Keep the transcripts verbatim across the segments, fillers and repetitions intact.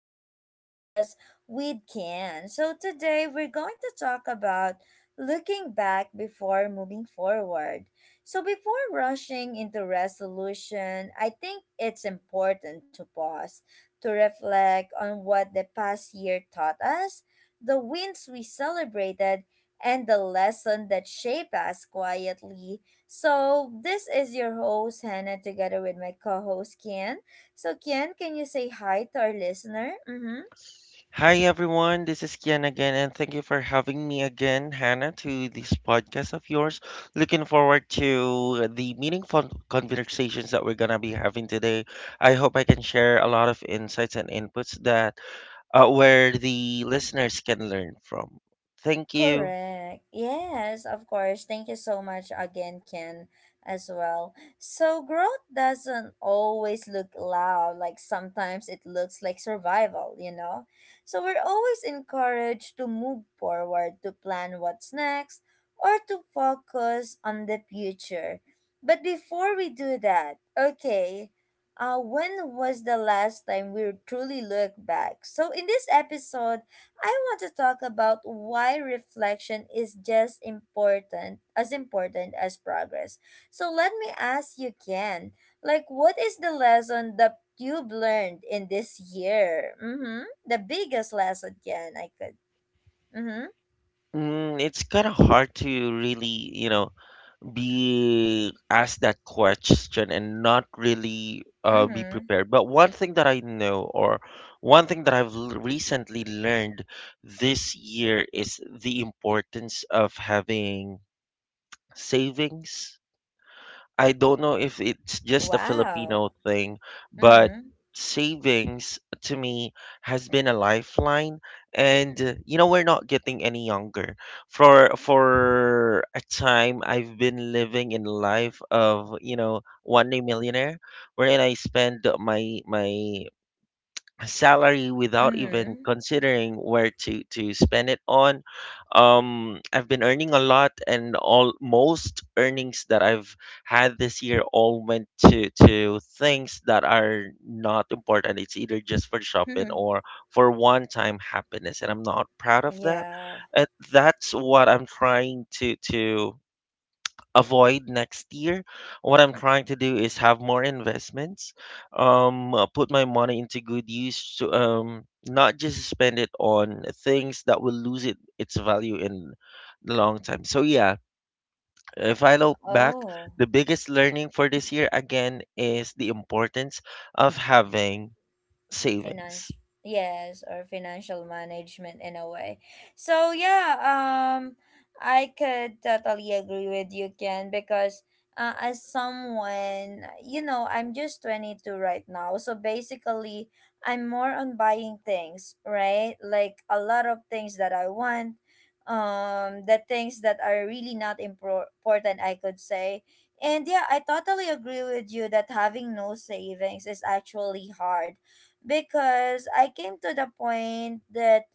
another podcast with Ken. So today we're going to talk about looking back before moving forward. So before rushing into resolution, I think it's important to pause, to reflect on what the past year taught us, the wins we celebrated, and the lesson that shaped us quietly. So this is your host Hannah together with my co-host Ken. So, Kian, can you say hi to our listener? Mm-hmm. Hi everyone, this is Kian again, and thank you for having me again, Hannah, to this podcast of yours. Looking forward to the meaningful conversations that we're gonna be having today. I hope I can share a lot of insights and inputs that uh, where the listeners can learn from. Thank you. Correct. Yes, of course. Thank you so much again, Ken, as well. So, growth doesn't always look loud. Like, sometimes it looks like survival, you know? So, we're always encouraged to move forward, to plan what's next, or to focus on the future. But before we do that, okay, uh, when was the last time we truly looked back? So, in this episode, I want to talk about why reflection is just important as important as progress. So let me ask you, Ken, like what is the lesson that you've learned in this year? Mm-hmm. The biggest lesson, Ken, I could. Mm-hmm. Mm, it's kind of hard to really, you know, be asked that question and not really uh, be Mm-hmm. prepared. But one thing that I know, or one thing that I've l- recently learned this year, is the importance of having savings. I don't know if it's just a Wow. Filipino thing, but Mm-hmm. savings to me has been a lifeline, and uh, you know, we're not getting any younger. For for a time, I've been living in life of, you know, one day millionaire, wherein I spend my my salary without even Mm-hmm. considering where to to spend it on. um I've been earning a lot, and all most earnings that I've had this year all went to to things that are not important. It's either just for shopping or for one time happiness, and I'm not proud of that. Yeah. uh, that's what I'm trying to to avoid next year. What I'm trying to do is have more investments, um, uh, put my money into good use to, um, not just spend it on things that will lose it its value in the long time. So yeah, if I look back, Oh. the biggest learning for this year again is the importance of having savings. Financial, yes, or financial management in a way. So yeah, um, I could totally agree with you, Ken, because uh, as someone, you know, I'm just twenty-two right now. So basically I'm more on buying things, right? Like a lot of things that I want, um, the things that are really not impor- important, I could say. And yeah, I totally agree with you that having no savings is actually hard because I came to the point that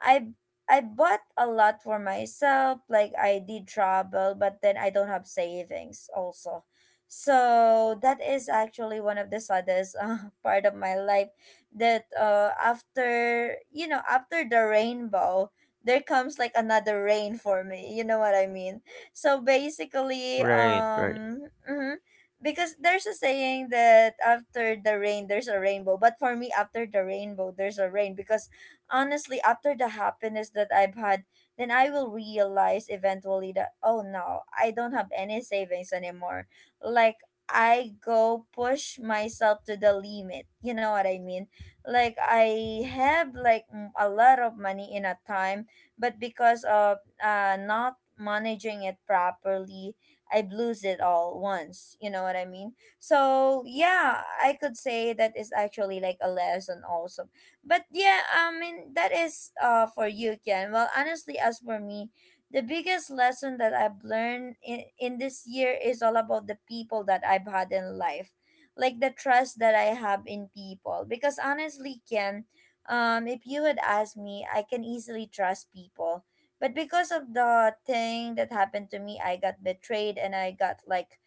I I bought a lot for myself. Like I did travel, but then I don't have savings also. So that is actually one of the saddest uh, part of my life. That, uh, after, you know, after the rainbow, there comes like another rain for me. You know what I mean? So basically, Right, right, um, mhm, because there's a saying that after the rain there's a rainbow, but for me after the rainbow there's a rain, because honestly after the happiness that I've had, then I will realize eventually that, oh no, I don't have any savings anymore. Like I go push myself to the limit, you know what I mean? Like I have like mm, a lot of money in a time, but because of, uh not managing it properly, I'd lose it all once. You know what I mean? So yeah, I could say that is actually like a lesson also. But yeah, I mean that is uh for you, Ken. Well, honestly, as for me, the biggest lesson that I've learned in, in this year is all about the people that I've had in life. Like the trust that I have in people. Because honestly, Ken, um, if you would ask me, I can easily trust people, but because of the thing that happened to me, I got betrayed and I got, like,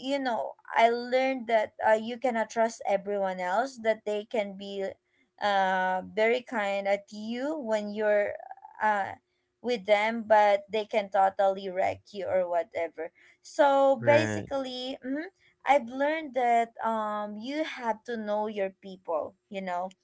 you know, I learned that, uh, you cannot trust everyone else, that they can be, uh, very kind at you when you're, uh, with them, but they can totally wreck you or whatever. So right, basically, mhm, I've learned that, um, you have to know your people, you know,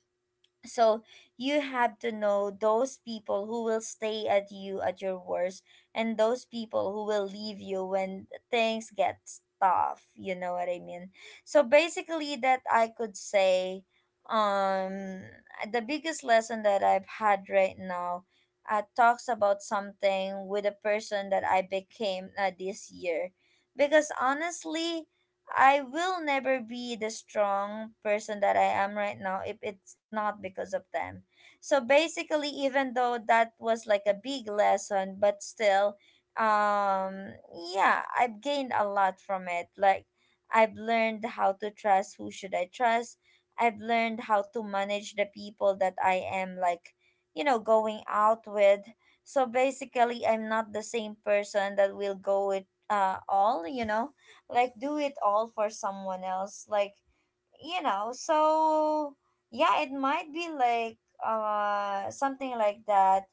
so you have to know those people who will stay at you at your worst and those people who will leave you when things get tough, you know what I mean? So basically that I could say, um, the biggest lesson that I've had right now, uh, talks about something with a person that I became, uh, this year, because honestly I will never be the strong person that I am right now if it's not because of them. So basically, even though that was like a big lesson, but still, um, yeah, I've gained a lot from it. Like, I've learned how to trust who should I trust. I've learned how to manage the people that I am, like, you know, going out with. So basically, I'm not the same person that will go with, uh all, you know, like do it all for someone else, like, you know, so yeah, it might be like, uh something like that,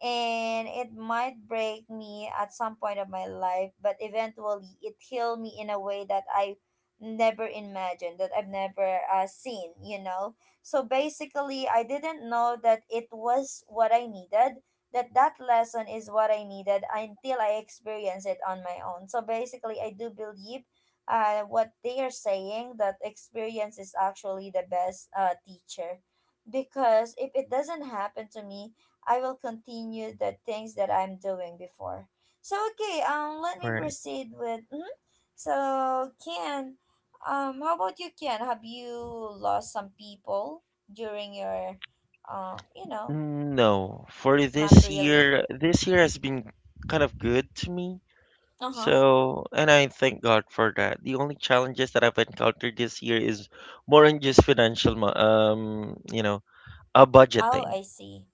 and it might break me at some point of my life, but eventually it healed me in a way that I never imagined, that I've never, uh, seen, you know. So basically I didn't know that it was what I needed, that that lesson is what I needed until I experienced it on my own. So basically I do believe, uh, what they are saying, that experience is actually the best, uh, teacher, because if it doesn't happen to me, I will continue the things that I'm doing before. So okay, um, let me right. proceed with mhm. So, Ken, um, how about you, Ken, have you lost some people during your, uh you know. No, for Not this really. year, this year has been kind of good to me. Uh-huh. So, and I thank God for that. The only challenges that I've encountered this year is more than just financial, mo- um, you know, uh, Oh, budgeting. I see.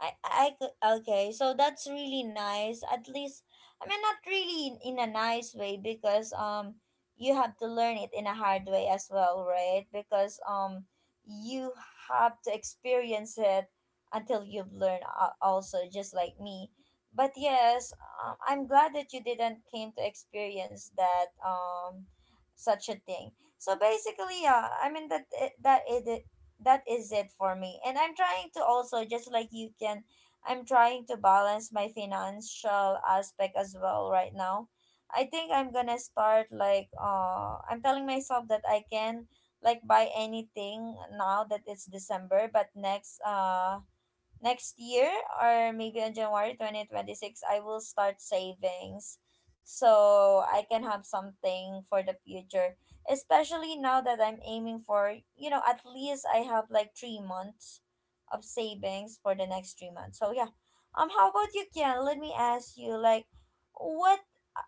I, I could. Okay, so that's really nice. At least, I mean, not really in, in a nice way, because, um, you have to learn it in a hard way as well, right? Because, um, you have to experience it until you've learned a- also, just like me. But yes, um, I'm glad that you didn't came to experience that, um, such a thing. So basically, yeah, I mean that, eh, that it that is it for me. And I'm trying to also, just like you can, I'm trying to balance my financial aspect as well right now. I think I'm gonna start like, uh I'm telling myself that I can like buy anything now that it's December, but next, uh next year or maybe on January twenty twenty-six I will start savings, so I can have something for the future, especially now that I'm aiming for, you know, at least I have like three months of savings for the next three months. So yeah, um, how about you, Kian? Let me ask you, like, what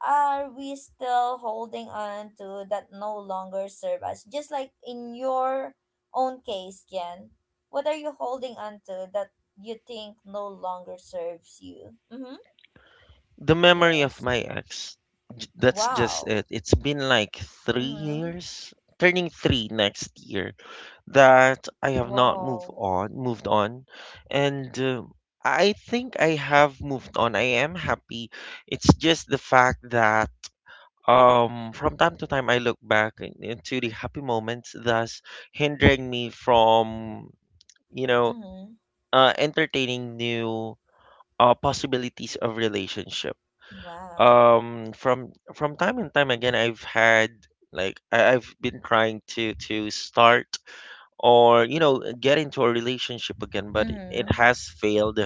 are we still holding on to that no longer serve us? Just like in your own case, Kian, what are you holding on to that you think no longer serves you? Mm-hmm. The memory of Yes. my ex, j- that's just Wow. it. It's been like three Mm-hmm. years, turning three next year, that I have not moved Wow. on, moved on, and uh, I think I have moved on. I am happy. It's just the fact that, Um, from time to time, I look back in- into the happy moments, thus hindering me from, you know, Mm-hmm. uh, entertaining new uh, possibilities of relationship. Wow. Um, from from time and time again, I've had, like, I, I've been trying to to start, or, you know, get into a relationship again, but it Mm-hmm. has failed,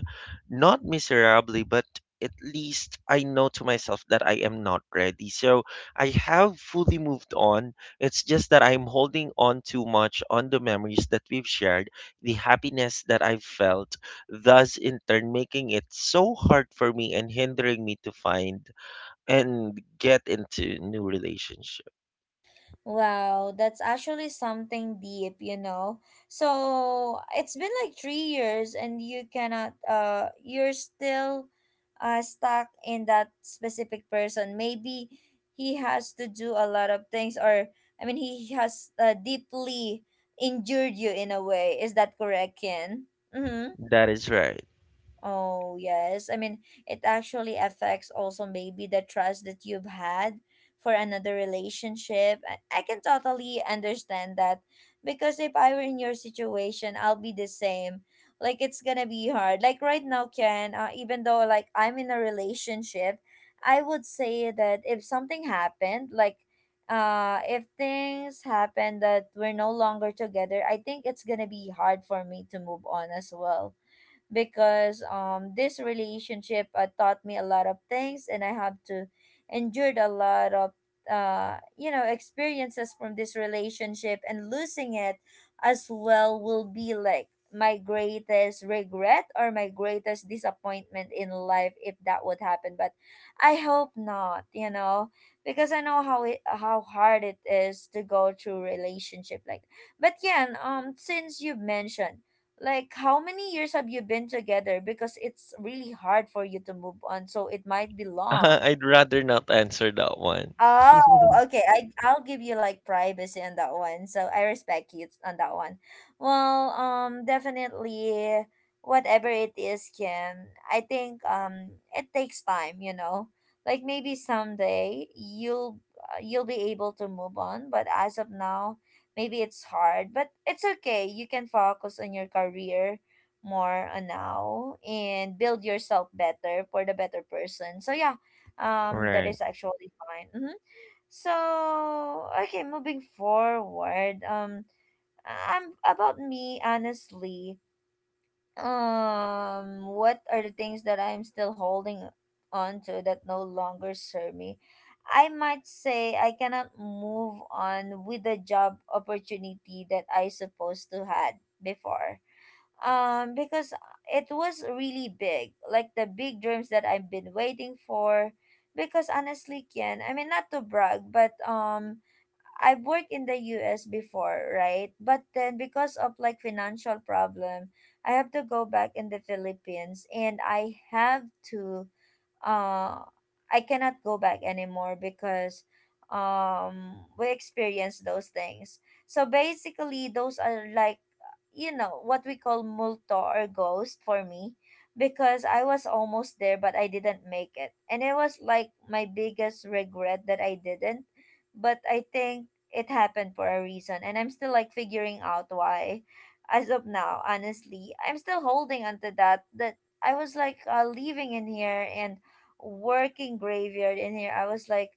not miserably, but at least I know to myself that I am not ready. So I have fully moved on. It's just that I'm holding on too much on the memories that we've shared, the happiness that I've felt, thus in turn making it so hard for me and hindering me to find and get into new relationship. Wow, that's actually something deep, you know. So it's been like three years, and you cannot, uh, you're still, uh, stuck in that specific person. Maybe he has to do a lot of things, or I mean, he has, uh, deeply injured you in a way. Is that correct, Ken? Mm-hmm. That is right. Oh, yes. I mean, it actually affects also maybe the trust that you've had for another relationship. I I can totally understand that, because if I were in your situation, I'll be the same. Like, it's gonna be hard. Like, right now, Ken, uh, even though like I'm in a relationship, I would say that if something happened, like, uh, if things happen that we're no longer together, I think it's gonna be hard for me to move on as well, because, um, this relationship, uh, taught me a lot of things, and I have to endured a lot of, uh you know, experiences from this relationship, and losing it as well will be like my greatest regret or my greatest disappointment in life if that would happen. But I hope not, you know, because I know how it, how hard it is to go through relationship, like, but yeah, um, since you mentioned, like, how many years have you been together, because it's really hard for you to move on, so it might be long. I'd rather not answer that one. Oh, okay. I I'll give you like privacy on that one. So I respect you on that one. Well, um, definitely, whatever it is, Kim. I think, um, it takes time. You know, like maybe someday you'll, uh, you'll be able to move on, but as of now, maybe it's hard. But it's okay. You can focus on your career more on now, and build yourself better for the better person. So yeah, um, that Right. is actually fine. Hmm. So okay, moving forward, um, I'm about me honestly. Um, what are the things that I'm still holding on to that no longer serve me? I might say I cannot move on with the job opportunity that I supposed to had before, um, because it was really big, like the big dreams that I've been waiting for, because honestly, Kian, I mean, not to brag, but, um, I've worked in the U S before, right? But then because of like financial problem, I have to go back in the Philippines, and I have to, uh I cannot go back anymore because, um, we experienced those things. So basically those are like, you know, what we call multo or ghost for me, because I was almost there but I didn't make it. And it was like my biggest regret that I didn't. But I think it happened for a reason, and I'm still like figuring out why as of now. Honestly, I'm still holding on to that, that I was like uh, living in here and working graveyard in here. I was like,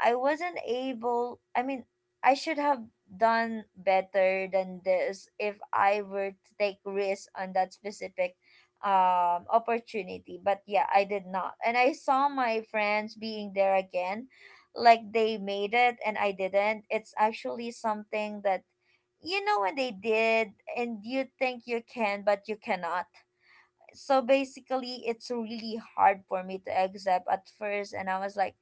I wasn't able. I mean, I should have done better than this if I were to take risk on that specific um opportunity. But yeah, I did not. And I saw my friends being there again, like they made it and I didn't. It's actually something that you know when they did and you think you can but you cannot. So basically, it's really hard for me to accept at first, and I was like,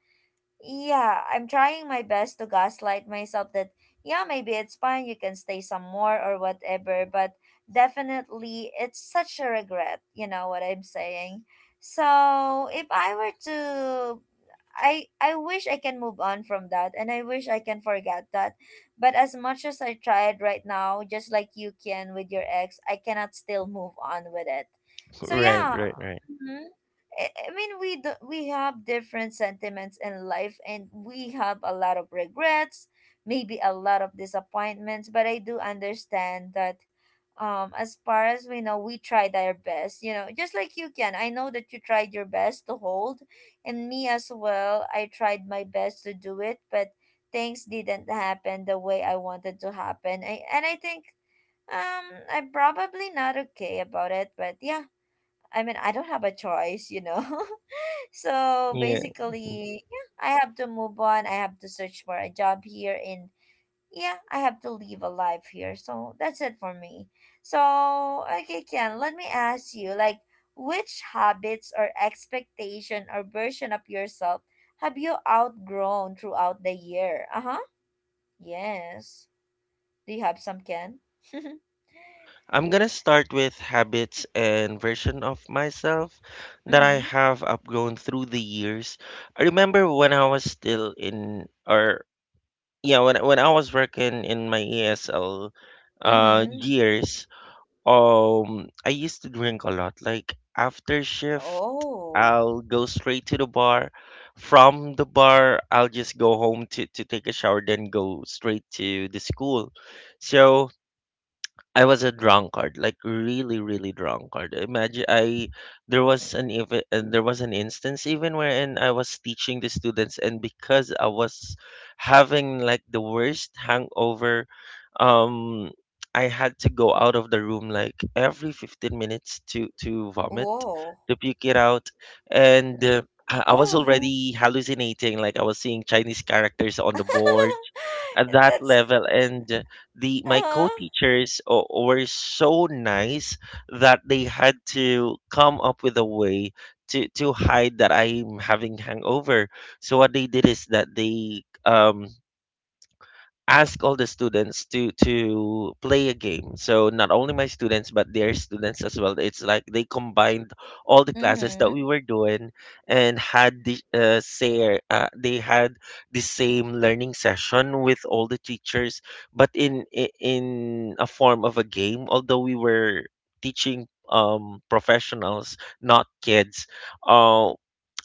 yeah, I'm trying my best to gaslight myself that, yeah, maybe it's fine, you can stay some more or whatever, but definitely it's such a regret, you know what I'm saying? So, if I were to I I wish I can move on from that, and I wish I can forget that. But as much as I tried right now, just like you can with your ex, I cannot still move on with it. So Right, yeah. right, right. I I mean, we do, we have different sentiments in life, and we have a lot of regrets, maybe a lot of disappointments. But I do understand that, um, as far as we know, we tried our best. You know, just like you can. I know that you tried your best to hold, and me as well. I tried my best to do it, but things didn't happen the way I wanted to happen. I, and I think, um, I'm probably not okay about it. But yeah, I mean, I don't have a choice. You know. So Yeah. basically, yeah, I have to move on. I have to search for a job here, and yeah, I have to live a life here. So that's it for me. So okay, Ken, let me ask you, like, which habits or expectation or version of yourself have you outgrown throughout the year? Uh huh. Yes. Do you have some, Ken? Mm-hmm. I'm gonna start with habits and version of myself that I have outgrown through the years. I remember when I was still in, or yeah, when when I was working in my E S L uh Mm-hmm. years, um I used to drink a lot. Like after shift, Oh. I'll go straight to the bar. From the bar, I'll just go home to, to take a shower, then go straight to the school. So I was a drunkard, like really, really drunkard. Imagine I there was an even and there was an instance even wherein I was teaching the students, and because I was having like the worst hangover, um, I had to go out of the room like every fifteen minutes to to vomit, Whoa. to puke it out, and. Uh, I I was Oh. already hallucinating, like I was seeing Chinese characters on the board at that That's level, and the my Uh-huh. co-teachers o- were so nice that they had to come up with a way to to hide that I'm having hangover. So what they did is that they um ask all the students to to play a game, so not only my students but their students as well. It's like they combined all the classes that Mm-hmm. we were doing, and had the uh, say uh, they had the same learning session with all the teachers, but in i- in a form of a game. Although we were teaching um professionals, not kids, uh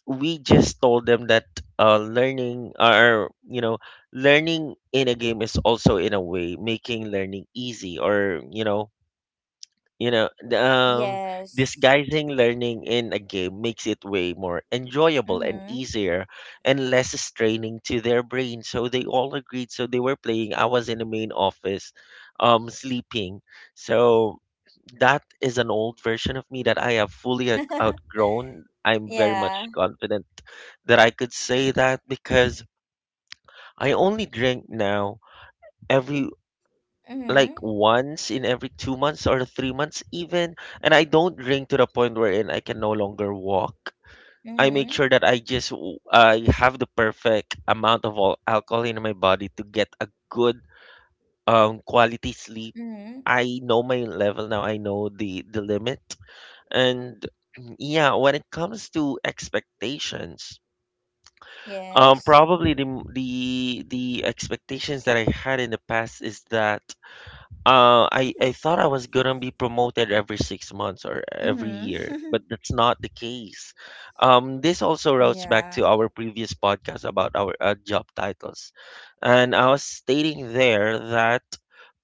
we just told them that, uh, learning, or, you know, learning in a game is also in a way making learning easy, or, you know, you know, the, um, Yes. disguising learning in a game makes it way more enjoyable and Mm-hmm. easier and less straining to their brain. So they all agreed. So they were playing. I was in the main office, um, sleeping. So that is an old version of me that I have fully out- outgrown. I'm very much Yeah. confident that I could say that because I only drink now every Mm-hmm. like once in every two months or three months even, and I don't drink to the point wherein I can no longer walk. I make Mm-hmm. sure that I just w- I have the perfect amount of al- alcohol in my body to get a good um quality sleep. Mm-hmm. I know my level now, I know the the limit. And yeah, when it comes to expectations, um Yes. probably the m- the the expectations that I had in the past is that, uh, I I thought I was gonna be promoted every six months or every year, Mm-hmm. but that's not the case. Um, this also routes back to Yeah. our previous podcast about our uh, job titles, and I was stating there that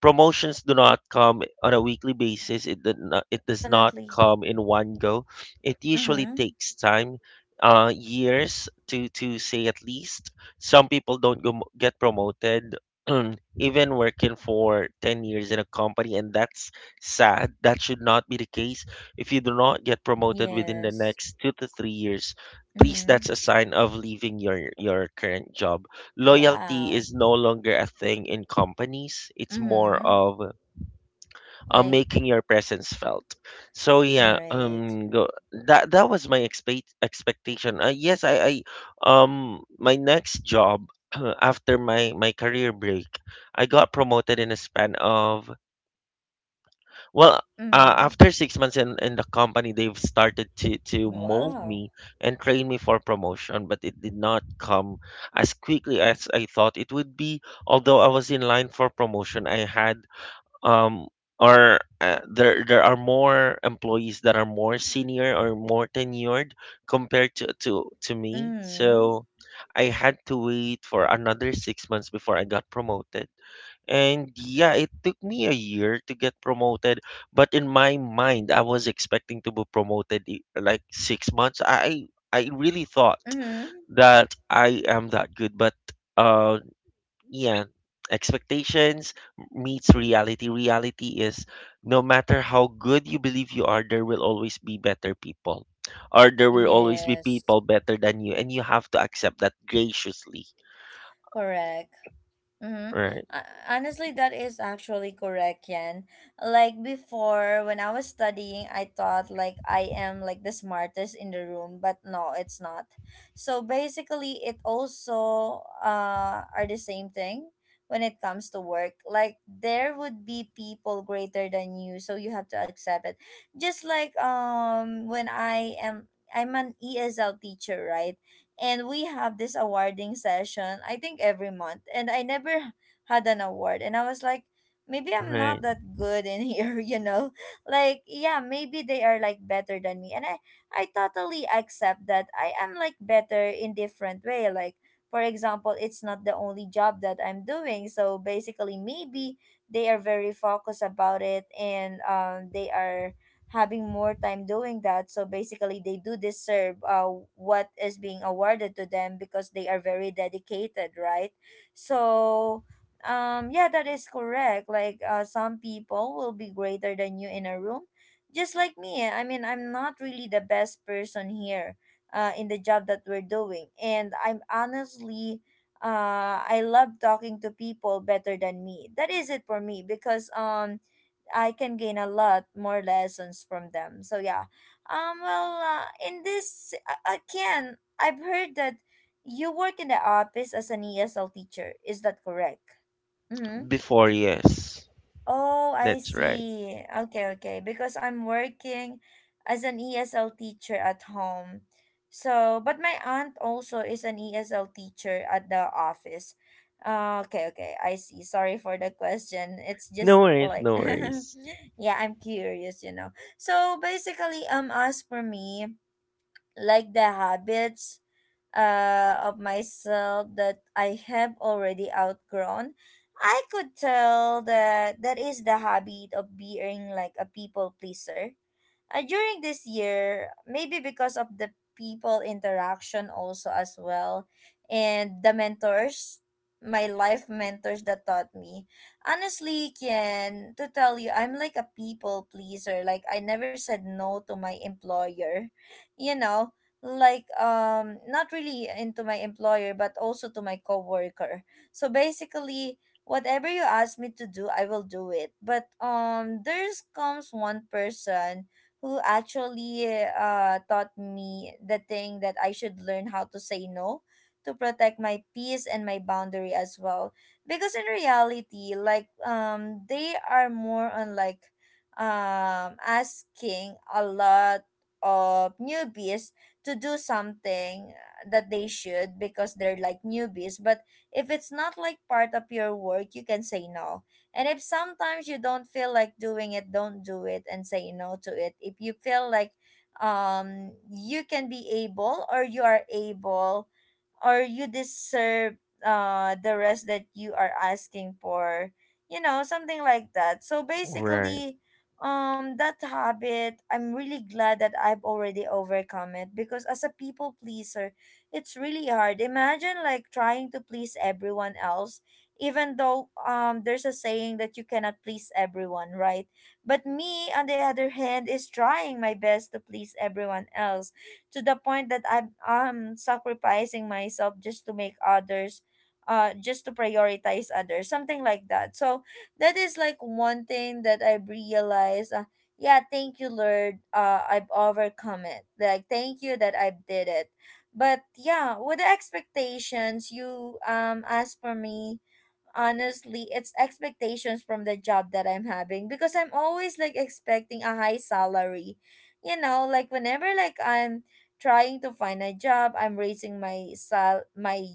promotions do not come Mm-hmm. on a weekly basis. It did So not, yeah, it does not definitely. come in one go. It usually Mm-hmm. takes time, uh, years to to say at least. Some people don't go, get promoted. even working for ten years in a company, and that's sad. That should not be the case. If you do not get promoted within the Yes. next two to three years, please, Mm-hmm. that's a sign of leaving your your current job. Loyalty Wow. is no longer a thing in companies. It's more Mm-hmm. of uh, Like making your presence felt. So yeah, right. um, go, that that was my expect expectation. Uh, yes, I, I um my next job after my my career break, I got promoted in a span of, well. Uh, Mm-hmm. after six months in, in the company, they've started to, to mold Wow. me and train me for promotion, but it did not come as quickly as I thought it would be. Although I was in line for promotion, I had, um are uh, there there are more employees that are more senior or more tenured compared to to to me. Mm-hmm. So I had to wait for another six months before I got promoted, and yeah, it took me a year to get promoted. But in my mind, I was expecting to be promoted i- like six months. i I really thought Mm-hmm. that I am that good. But uh yeah, expectations meets reality. Reality is no matter how good you believe you are, there will always be better people, or there will always be Yes. people better than you, and you have to accept that graciously. Correct. Mm-hmm. Right, Uh, honestly, that is actually correct, Yan. Like before, when I was studying, I thought like I am like the smartest in the room, but no, it's not. So basically, it also uh are the same thing when it comes to work. Like there would be people greater than you, so you have to accept it. Just like um when I am I'm an E S L teacher, right? And we have this awarding session I think every month, and I never had an award, and I was like, maybe I'm not right. that good in here. You know, like yeah, maybe they are like better than me, and i i totally accept that I am like better in different way. Like for example, it's not the only job that I'm doing, so basically maybe they are very focused about it, and um, they are having more time doing that. So basically, they do deserve uh, what is being awarded to them because they are very dedicated, right? So, um, yeah, that is correct. Like, uh, some people will be greater than you in a room, just like me. Eh. I mean, I'm not really the best person here. Uh, in the job that we're doing, and I'm honestly uh, I love talking to people better than me. That is it for me because um I can gain a lot more lessons from them. So yeah, um, well, uh, in this a- again, I've heard that you work in the office as an E S L teacher. Is that correct? Mm-hmm. Before, yes, Oh, I that's right. see. Okay, okay. Because I'm working as an E S L teacher at home. So, but my aunt also is an E S L teacher at the office. Uh, okay, okay. I see. Sorry for the question. It's No just worries, like no worries. yeah, I'm curious, you know. So, basically, um as for me, like the habits uh, of myself that I have already outgrown, I could tell that that is the habit of being like a people pleaser uh, during this year, maybe because of the people interaction also as well, and the mentors, my life mentors that taught me. Honestly, Ken, to tell you, I'm like a people pleaser. Like I never said no to my employer, you know. Like um not really into my employer but also to my coworker. So basically whatever you ask me to do, I will do it. But um there's comes one person who actually uh, taught me the thing that I should learn how to say no to protect my peace and my boundary as well. Because in reality, like um, they are more on like um asking a lot of newbies to do something that they should because they're like newbies, but if it's not like part of your work, you can say no. And if sometimes you don't feel like doing it, don't do it and say no to it. If you feel like um you can be able or you are able or you deserve uh the rest that you are asking for, you know, something like that. So Right, basically, um that habit, I'm really glad that I've already overcome it, because as a people pleaser, it's really hard. Imagine like trying to please everyone else, even though um there's a saying that you cannot please everyone, right? But me on the other hand is trying my best to please everyone else, to the point that I'm I'm sacrificing myself just to make others uh just to prioritize others, something like that. So that is like one thing that I realized. uh, yeah, thank you Lord, uh I've overcome it, like thank you that I did it. But yeah, with the expectations you um asked for me, honestly it's expectations from the job that I'm having, because I'm always like expecting a high salary, you know, like whenever like I'm trying to find a job, I'm raising my sal my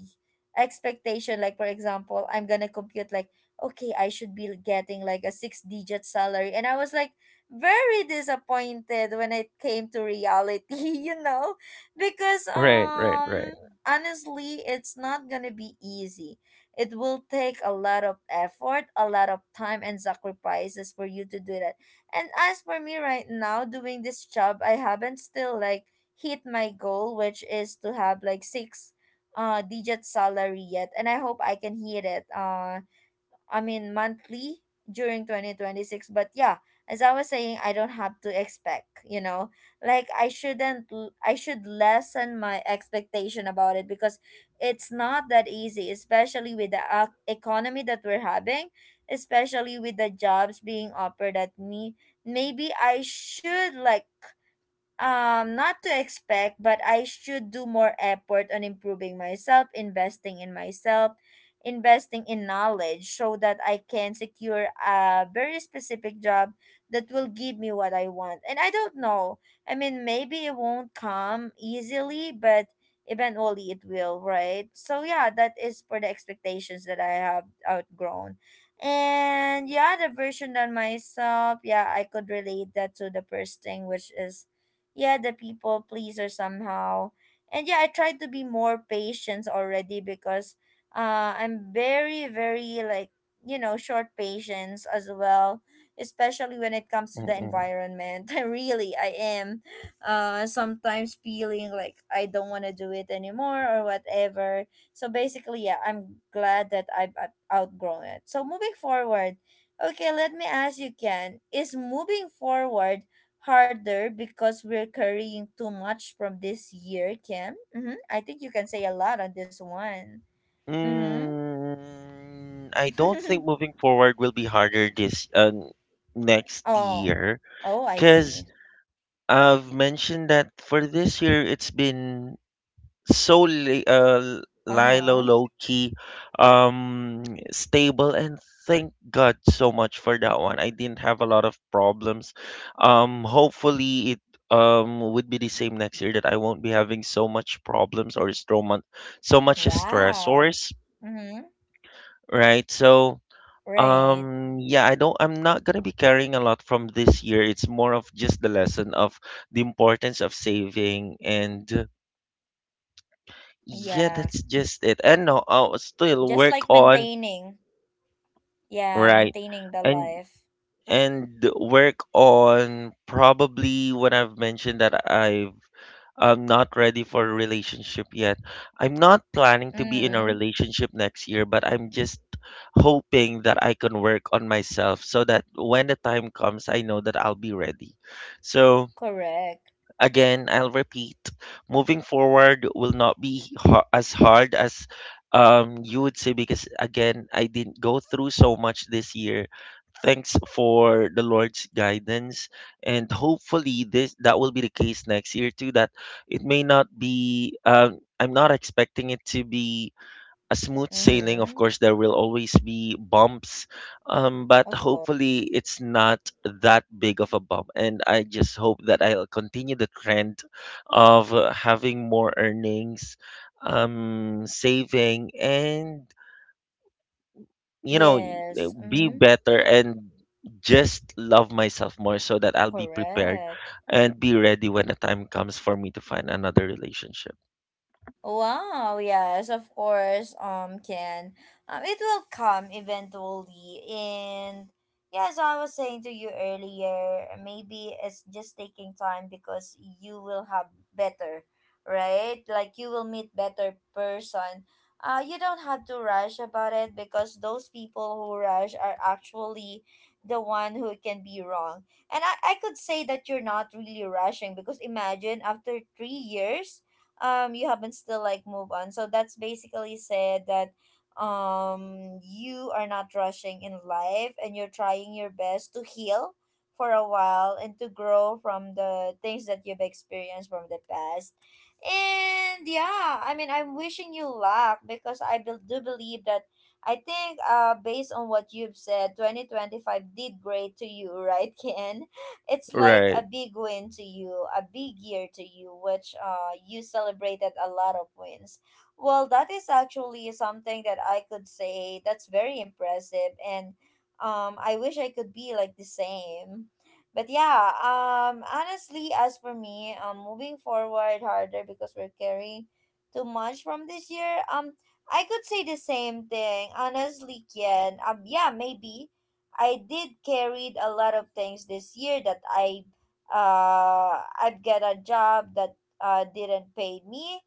expectation. Like for example, I'm gonna compute like, okay, I should be getting like a six digit salary, and I was like very disappointed when it came to reality. You know, because right, right, right. um honestly it's not gonna be easy. It will take a lot of effort, a lot of time and sacrifices for you to do that. And as for me right now doing this job, I haven't still like hit my goal, which is to have like six uh digit salary yet, and I hope I can hit it. Uh, I mean monthly, during twenty twenty-six. But yeah, as I was saying, I don't have to expect, you know, like I shouldn't l- I should lessen my expectation about it, because it's not that easy, especially with the ac economy that we're having, especially with the jobs being offered at me. Maybe I should like um not to expect, but I should do more effort on improving myself, investing in myself, investing in knowledge, so that I can secure a very specific job that will give me what I want. And I don't know, I mean maybe it won't come easily, but eventually it will, right? So yeah, that is for the expectations that I have outgrown. And yeah, the version on myself, yeah, I could relate that to the first thing, which is yeah, the people pleaser somehow. And yeah, I tried to be more patient already, because uh, I'm very, very like, you know, short patience as well, especially when it comes to the Mm-mm. environment. I really, I am uh, sometimes feeling like I don't want to do it anymore or whatever. So basically, yeah, I'm glad that I've out- outgrown it. So moving forward, okay, let me ask you, Ken, is moving forward harder because we're carrying too much from this year, Kim. Mm-hmm. I think you can say a lot on this one. Mm-hmm. Mm, I don't think moving forward will be harder this um, next Oh, year oh, I because see. I've mentioned that for this year, it's been so li- uh, Uh Lilo huh. low key, um, stable, and thank God so much for that one. I didn't have a lot of problems. Um, hopefully it um would be the same next year, that I won't be having so much problems, or so much so much Wow. stressors, Mm-hmm. right? So Right. um, yeah, I don't, I'm not gonna be carrying a lot from this year. It's more of just the lesson of the importance of saving, and uh, yeah, Yeah. that's just it. And no, I'll still Just work like on, maintaining. Yeah, right? maintaining the And life. and work on probably when I've mentioned that I've I'm not ready for a relationship yet. I'm not planning to be in a Mm. relationship next year, but I'm just hoping that I can work on myself so that when the time comes, I know that I'll be ready. So, Correct. again, I'll repeat, moving forward will not be ha- as hard as, um, you would say because, again, I didn't go through so much this year. Thanks for the Lord's guidance, and hopefully this that will be the case next year too. That it may not be. Um, I'm not expecting it to be a smooth sailing. Of Mm-hmm. course, there will always be bumps, um, but Of course. hopefully it's not that big of a bump. And I just hope that I'll continue the trend of uh, having more earnings, um, saving, and, you know, Yes. be Mm-hmm. better and just love myself more so that I'll be prepared Correct. and be ready when the time comes for me to find another relationship. Wow, yes, of course, um, Ken. Um, it will come eventually. And yeah, as I was saying to you earlier, maybe it's just taking time because you will have better, right? Like you will meet better person. Uh, you don't have to rush about it because those people who rush are actually the one who can be wrong. And I, I could say that you're not really rushing because imagine after three years um you haven't still like move on, so that's basically said that um you are not rushing in life and you're trying your best to heal for a while and to grow from the things that you've experienced from the past. And yeah, I mean, I'm wishing you luck because I bel do believe that I think uh based on what you've said, twenty twenty-five did great to you right, Ken? It's like Right. a big win to you, a big year to you, which, uh, you celebrated a lot of wins. Well, that is actually something that I could say that's very impressive. And um, I wish I could be like the same. But yeah, um, honestly, as for me, um, moving forward harder because we're carrying too much from this year. Um, I could say the same thing, honestly, Ken. Um, yeah, maybe I did carried a lot of things this year that I uh I've got a job that uh didn't pay me.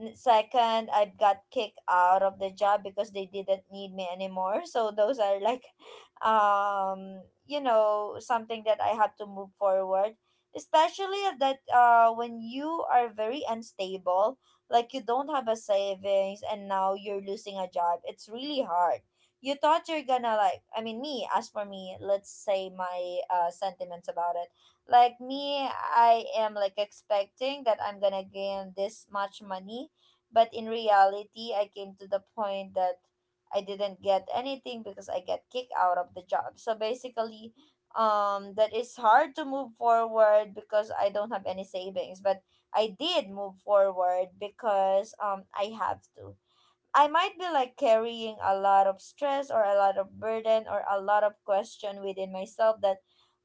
N- Second, I've got kicked out of the job because they didn't need me anymore. So those are like um you know something that I have to move forward. Especially that uh when you are very unstable, like you don't have a savings and now you're losing a job. It's really hard. You thought you're gonna like, I mean, me, as for me, let's say my, uh, sentiments about it, like me, I am like expecting that I'm gonna gain this much money, but in reality I came to the point that I didn't get anything because I get kicked out of the job. So basically, um that is hard to move forward because I don't have any savings, but I did move forward because um I have to. I might be like carrying a lot of stress or a lot of burden or a lot of question within myself that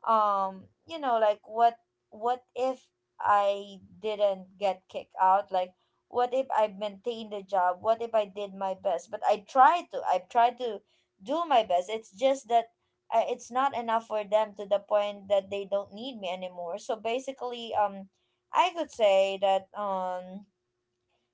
um you know like what what if I didn't get kicked out, like what if I maintained the job, what if I did my best? But I tried to I tried to do my best. It's just that uh, it's not enough for them to the point that they don't need me anymore. So basically, um I could say that, um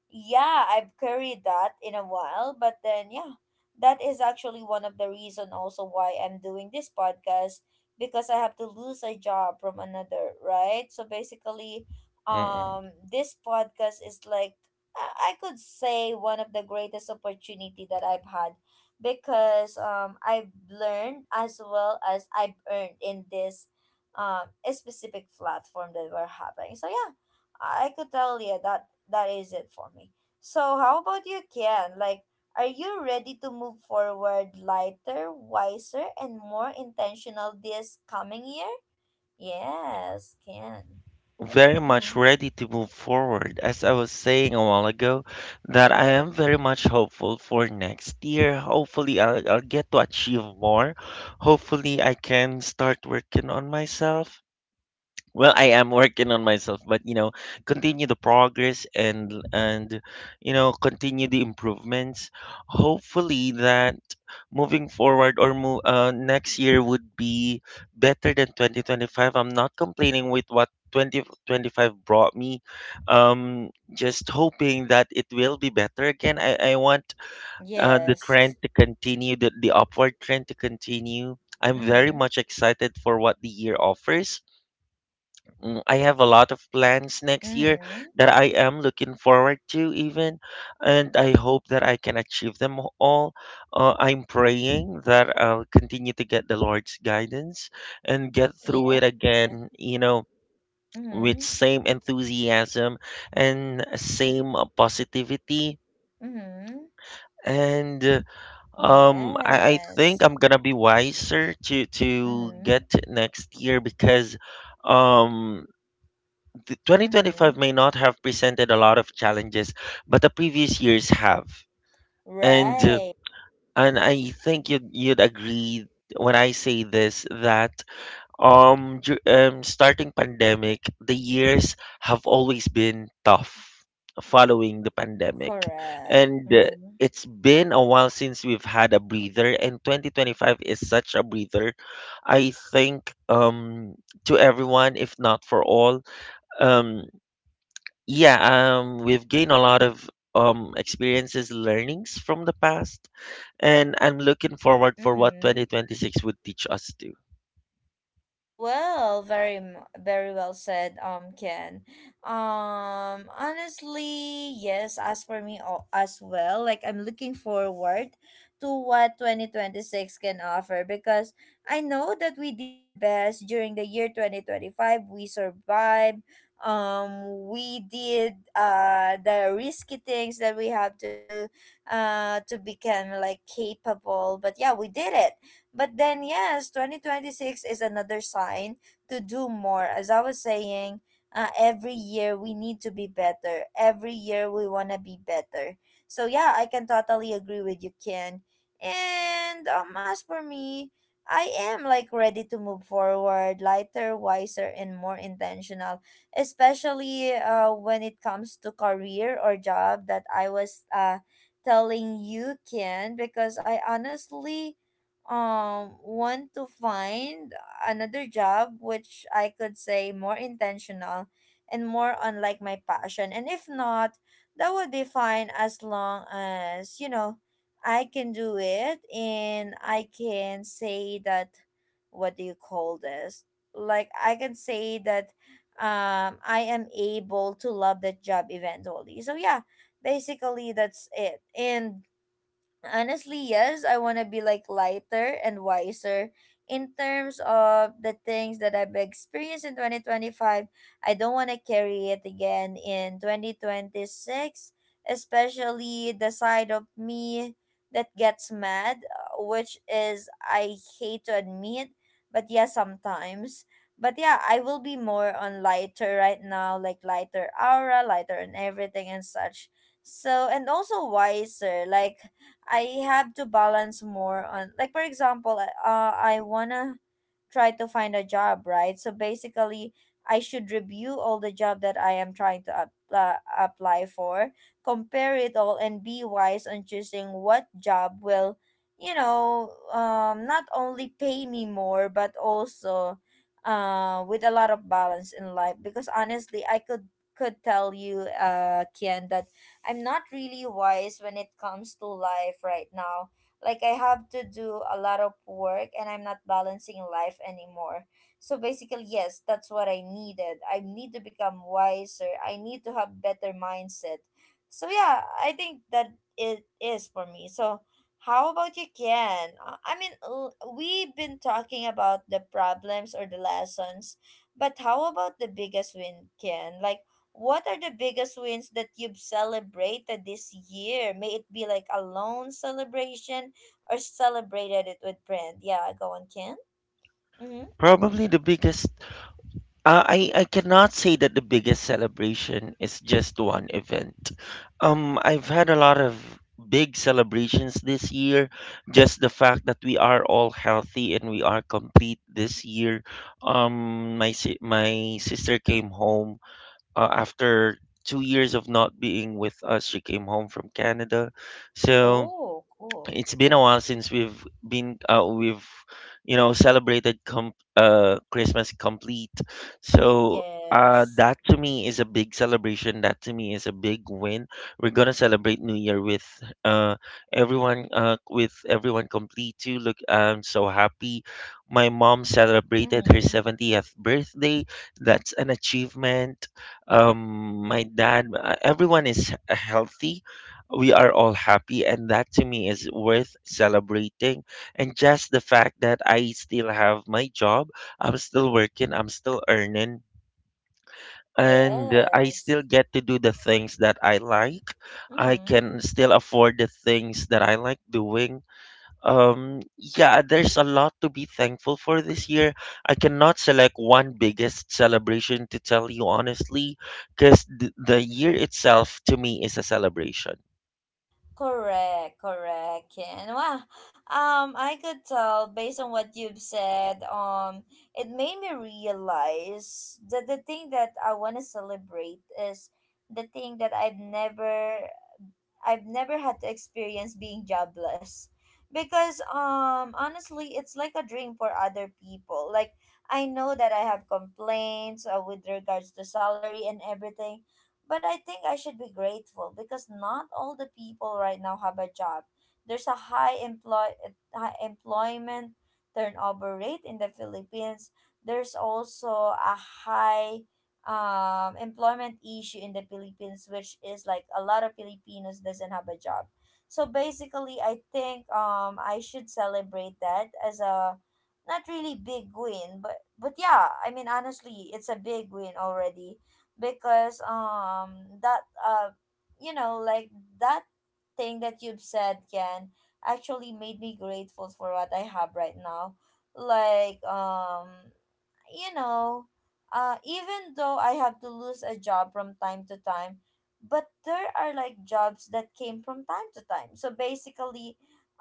yeah, I've carried that in a while, but then yeah, that is actually one of the reason also why I'm doing this podcast, because I have to lose a job from another, right? So basically, Mm-mm. um this podcast is like i I could say one of the greatest opportunity that I've had, because um I've learned as well as I've earned in this um specific platform that we're having. So yeah, I could tell you that that is it for me. So how about you, Ken? Like, are you ready to move forward lighter, wiser, and more intentional this coming year? Yes, Ken. Very much Mm-hmm. ready to move forward. As I was saying a while ago, that I am very much hopeful for next year. Hopefully, I'll, I'll get to achieve more. Hopefully, I can start working on myself. Well, I am working on myself, but you know, continue the progress and and you know, continue the improvements. Hopefully that moving forward or move uh, next year would be better than twenty twenty-five. I'm not complaining with what two thousand twenty-five brought me. Um, just hoping that it will be better again. I I want uh, the Yes. trend to continue, the the upward trend to continue. I'm very Mm-hmm. much excited for what the year offers. Mm, I have a lot of plans next year Mm-hmm. that I am looking forward to, even, and I hope that I can achieve them all. Uh, I'm praying that I'll continue to get the Lord's guidance and get through Yes. it again, you know, with Mm-hmm. same enthusiasm and same uh, positivity. Mm-hmm. And uh, um, I, I think Yes. I'm gonna be wiser to to Mm-hmm. get next year because um th- Mm-hmm. twenty twenty-five may not have presented a lot of challenges, but the previous years have. And uh, Right. and I think you'd you'd agree when I say this that um, dur- um starting pandemic, the years have always been tough following the pandemic. Correct. And uh, Mm-hmm. it's been a while since we've had a breather, and twenty twenty-five is such a breather. I think um, to everyone, if not for all, um yeah, um, we've gained a lot of um experiences, learnings from the past, and I'm looking forward for what Mm-hmm. twenty twenty-six would teach us to. Well, very, m- very well said, um, Ken. Um, honestly, yes. As for me, al- as well, like I'm looking forward to what twenty twenty-six can offer, because I know that we did our best during the year twenty twenty-five. We survived. Um, we did uh the risky things that we have to do, uh, to become like capable. But yeah, we did it. But then, yes, twenty twenty-six is another sign to do more. As I was saying, uh, every year we need to be better. Every year we want to be better. So yeah, I can totally agree with you, Ken. And um, as for me, I am like ready to move forward, lighter, wiser, and more intentional, especially uh, when it comes to career or job that I was, uh, telling you, Ken, because I honestly um want to find another job which I could say more intentional and more on like my passion. And if not, that would be fine, as long as, you know, I can do it and I can say that, what do you call this? Like I can say that um I am able to love that job eventually. So yeah, basically that's it. And honestly, yes, I want to be like lighter and wiser in terms of the things that I've experienced in twenty twenty-five. I don't want to carry it again in twenty twenty-six, especially the side of me that gets mad, uh, which is, I hate to admit, but yeah, sometimes. But yeah, I will be more on lighter right now, like lighter aura, lighter and everything and such. So and also wiser, like I have to balance more on, like, for example, uh I wanna try to find a job, right? So basically, I should review all the job that I am trying to up, uh, apply for, compare it all and be wise on choosing what job will, you know, um not only pay me more but also uh with a lot of balance in life, because honestly, I could could tell you uh Kian that I'm not really wise when it comes to life right now. Like I have to do a lot of work and I'm not balancing life anymore. So basically, yes, that's what I needed. I need to become wiser. I need to have better mindset. So yeah, I think that it is for me. So how about you, Ken? Uh, I mean, l- we've been talking about the problems or the lessons, but how about the biggest win, Ken? Like what are the biggest wins that you've celebrated this year? May it be like a lone celebration or celebrated it with friend. Yeah, go on, Ken. Mm-hmm. Probably the biggest, uh, I I cannot say that the biggest celebration is just one event. Um, I've had a lot of big celebrations this year. Just the fact that we are all healthy and we are complete this year. Um, my si- my sister came home uh, after two years of not being with us. She came home from Canada. So Oh, cool. it's been a while since we've been uh, we've you know celebrated com- uh, Christmas complete. So uh, Yes. that to me is a big celebration. That to me is a big win. We're gonna celebrate New Year with uh, everyone uh, with everyone complete too. Look, I'm so happy. My mom celebrated her Mm-hmm. seventieth birthday. That's an achievement. Um, my dad, uh, everyone is healthy, we are all happy, and that to me is worth celebrating, and just the fact that I still have my job, I'm still working, I'm still earning, and uh, I still Yes. get to do the things that I like. I Mm-hmm. can still afford the things that I like doing. um yeah, there's a lot to be thankful for this year. I cannot select one biggest celebration to tell you, honestly, because th- the year itself to me is a celebration. Correct, correct, Ken. Wow. Um, I could tell based on what you've said, um, it made me realize that the thing that I want to celebrate is the thing that I've never I've never had to experience being jobless, because um honestly it's like a dream for other people. Like I know that I have complaints, uh, with regards to salary and everything, but I think I should be grateful because not all the people right now have a job. There's a high employ high employment turnover rate in the Philippines. There's also a high um employment issue in the Philippines, which is like a lot of Filipinos doesn't have a job. So basically, I think um I should celebrate that as a not really big win, but but yeah, I mean, honestly, it's a big win already, because um that uh you know like that thing that you've said, can actually made me grateful for what I have right now. Like, um you know, uh, even though I have to lose a job from time to time, but there are like jobs that came from time to time. So basically,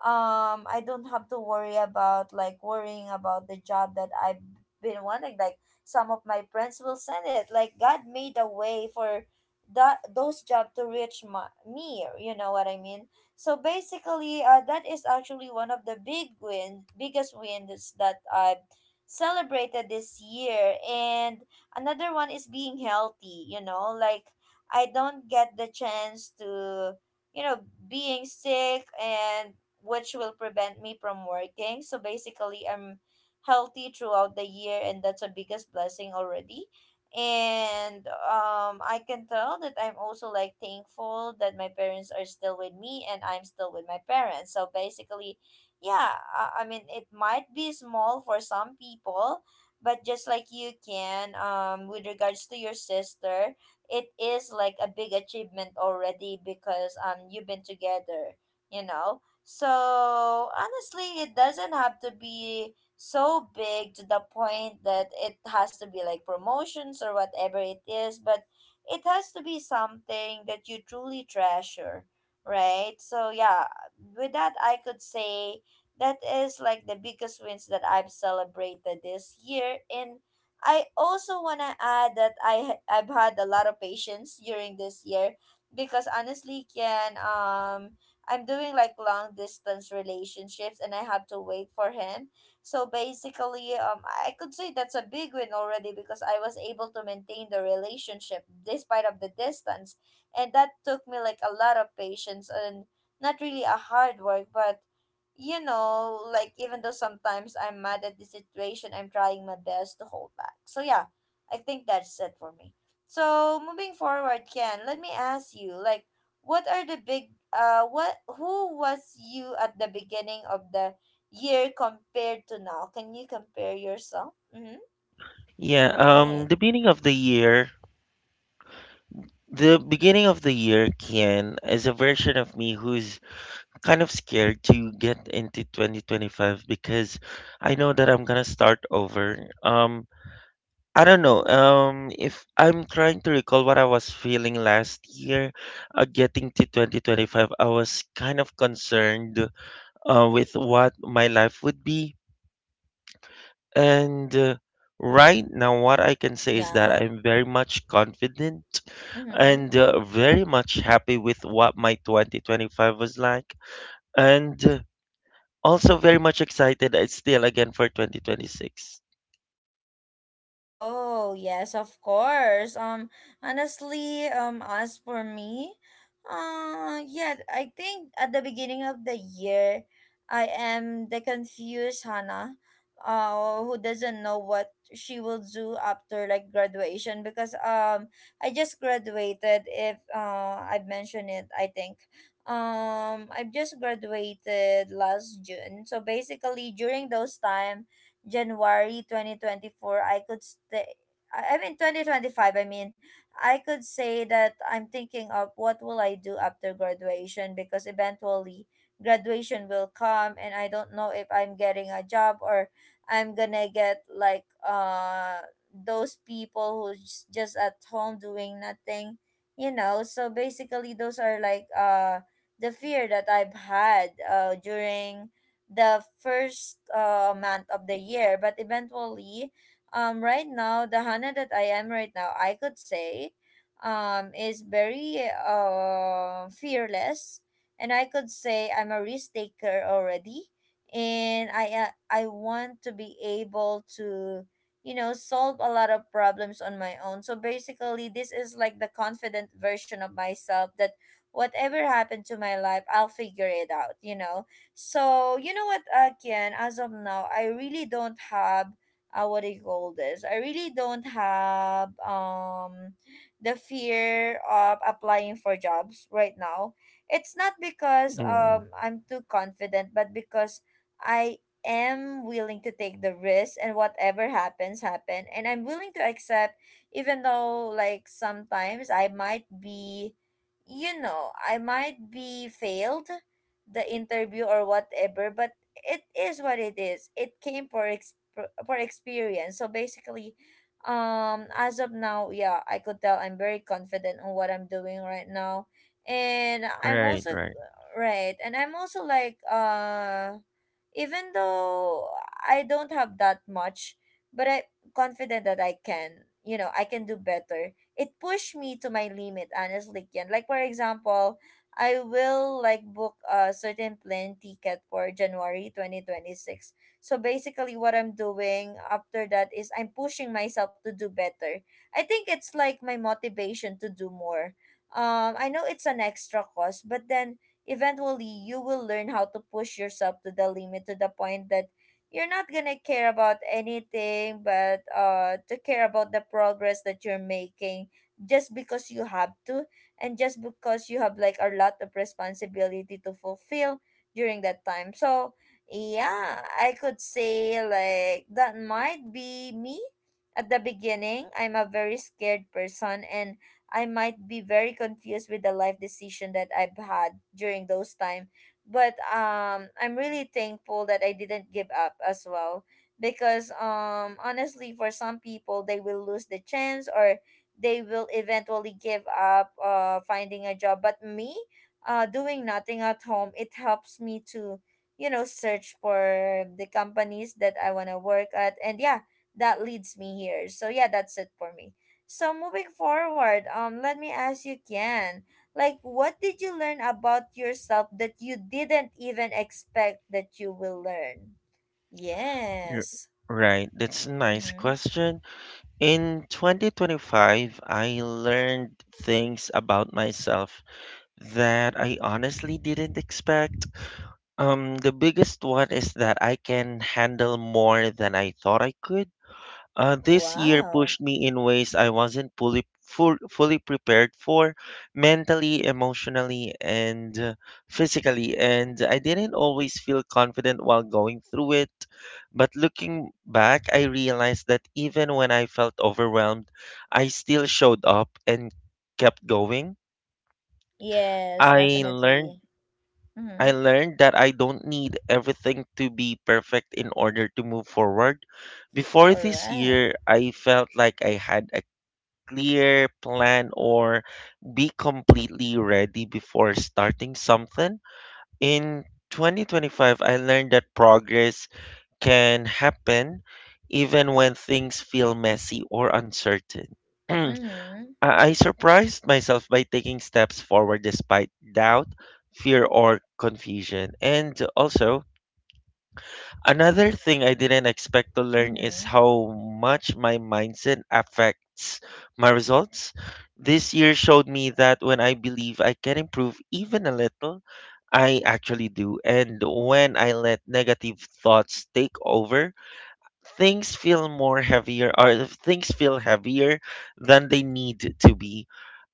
um, I don't have to worry about like worrying about the job that I've been wanting. Like some of my friends will send it. Like God made a way for that those jobs to reach my, me. You know what I mean? So basically, uh, that is actually one of the big win, biggest wins that I've celebrated this year. And another one is being healthy, you know, like I don't get the chance to, you know, being sick and which will prevent me from working. So basically, I'm healthy throughout the year, and that's a biggest blessing already. And um, I can tell that I'm also like thankful that my parents are still with me and I'm still with my parents. So basically, yeah, I, I mean, it might be small for some people, but just like you can, um, with regards to your sister, it is like a big achievement already, because um, you've been together, you know. So honestly, it doesn't have to be so big to the point that it has to be like promotions or whatever it is, but it has to be something that you truly treasure, right? So yeah, with that I could say that is like the biggest wins that I've celebrated this year. And I also want to add that I ha- I've had a lot of patience during this year, because honestly, Ken, um, I'm doing like long distance relationships and I have to wait for him. So basically, um, I could say that's a big win already because I was able to maintain the relationship despite of the distance, and that took me like a lot of patience and not really a hard work, but you know, like even though sometimes I'm mad at the situation, I'm trying my best to hold back. So yeah, I think that's it for me. So moving forward, Ken, let me ask you, like, what are the big uh what who was you at the beginning of the year compared to now? Can you compare yourself? Mm-hmm. Yeah, um, Right. the beginning of the year, the beginning of the year, Kian, is a version of me who's kind of scared to get into twenty twenty-five because I know that I'm gonna start over. Um, I don't know. Um, if I'm trying to recall what I was feeling last year, uh, getting to twenty twenty-five, I was kind of concerned, uh, with what my life would be. And uh, right now, what I can say is that Yeah. I'm very much confident Mm-hmm. and uh, very much happy with what my twenty twenty-five was like, and uh, also very much excited uh, still again for twenty twenty-six. Oh, yes, of course. Um, honestly, um, as for me, uh, yeah, I think at the beginning of the year, I am the confused Hannah, uh, who doesn't know what she will do after like graduation, because um, I just graduated. If uh, I've mentioned it, I think. Um, I've just graduated last June. So basically, during those time January twenty twenty-four, I could stay. I I mean, twenty twenty-five, I mean, I could say that I'm thinking of what will I do after graduation, because eventually graduation will come and I don't know if I'm getting a job or I'm gonna get like uh those people who's just at home doing nothing, you know. So basically those are like uh the fear that I've had uh during the first uh, month of the year. But eventually, um, right now, the Hannah that I am right now, I could say, um, is very uh, fearless. And I could say I'm a risk taker already. And I, uh, I want to be able to, you know, solve a lot of problems on my own. So basically, this is like the confident version of myself that whatever happened to my life, I'll figure it out, you know So you know what, again, as of now, I really don't have uh, what do you call this? I really don't have um the fear of applying for jobs right now. It's not because Mm, um I'm too confident, but because I am willing to take the risk and whatever happens happen, and I'm willing to accept, even though like sometimes I might be, you know I might be failed the interview or whatever. But it is what it is. It came for ex- for experience. So basically, um as of now, yeah, I could tell I'm very confident on what I'm doing right now. And I'm right, also right. right, and I'm also like uh even though I don't have that much, but I'm confident that I can, you know, I can do better. It pushed me to my limit, honestly, Ken. Like, for example, I will, like, book a certain plane ticket for January twenty twenty-six. So basically what I'm doing after that is I'm pushing myself to do better. I think it's like my motivation to do more. Um, I know it's an extra cost, but then eventually you will learn how to push yourself to the limit to the point that you're not gonna care about anything but uh to care about the progress that you're making, just because you have to and just because you have like a lot of responsibility to fulfill during that time. So yeah, I could say like that might be me. At the beginning I'm a very scared person, and I might be very confused with the life decision that I've had during those time. But um, I'm really thankful that I didn't give up as well, because um, honestly, for some people, they will lose the chance or they will eventually give up uh, finding a job. But me, uh, doing nothing at home, it helps me to, you know, search for the companies that I want to work at, and yeah, that leads me here. So yeah, that's it for me. So moving forward, um, let me ask you, Ken, like, what did you learn about yourself that you didn't even expect that you will learn? You're- Yes. Right, that's a nice Mm-hmm. question. In twenty twenty-five, I learned things about myself that I honestly didn't expect. Um, the biggest one is that I can handle more than I thought I could. Uh, this year Wow. pushed me in ways I wasn't fully full, fully prepared for, mentally, emotionally, and uh, physically. And I didn't always feel confident while going through it. But looking back, I realized that even when I felt overwhelmed, I still showed up and kept going. Yes, I learned definitely. I Mm-hmm. learned that I don't need everything to be perfect in order to move forward. Before this Correct. year, I felt like I had a clear plan or be completely ready before starting something. In twenty twenty-five, I learned that progress can happen even when things feel messy or uncertain. Mm-hmm. I I surprised myself by taking steps forward despite doubt, fear, or confusion. And also, another thing I didn't expect to learn is Mm-hmm. how much my mindset affects my results. This year showed me that when I believe I can improve even a little, I actually do. And when I let negative thoughts take over, things feel more heavier or things feel heavier than they need to be,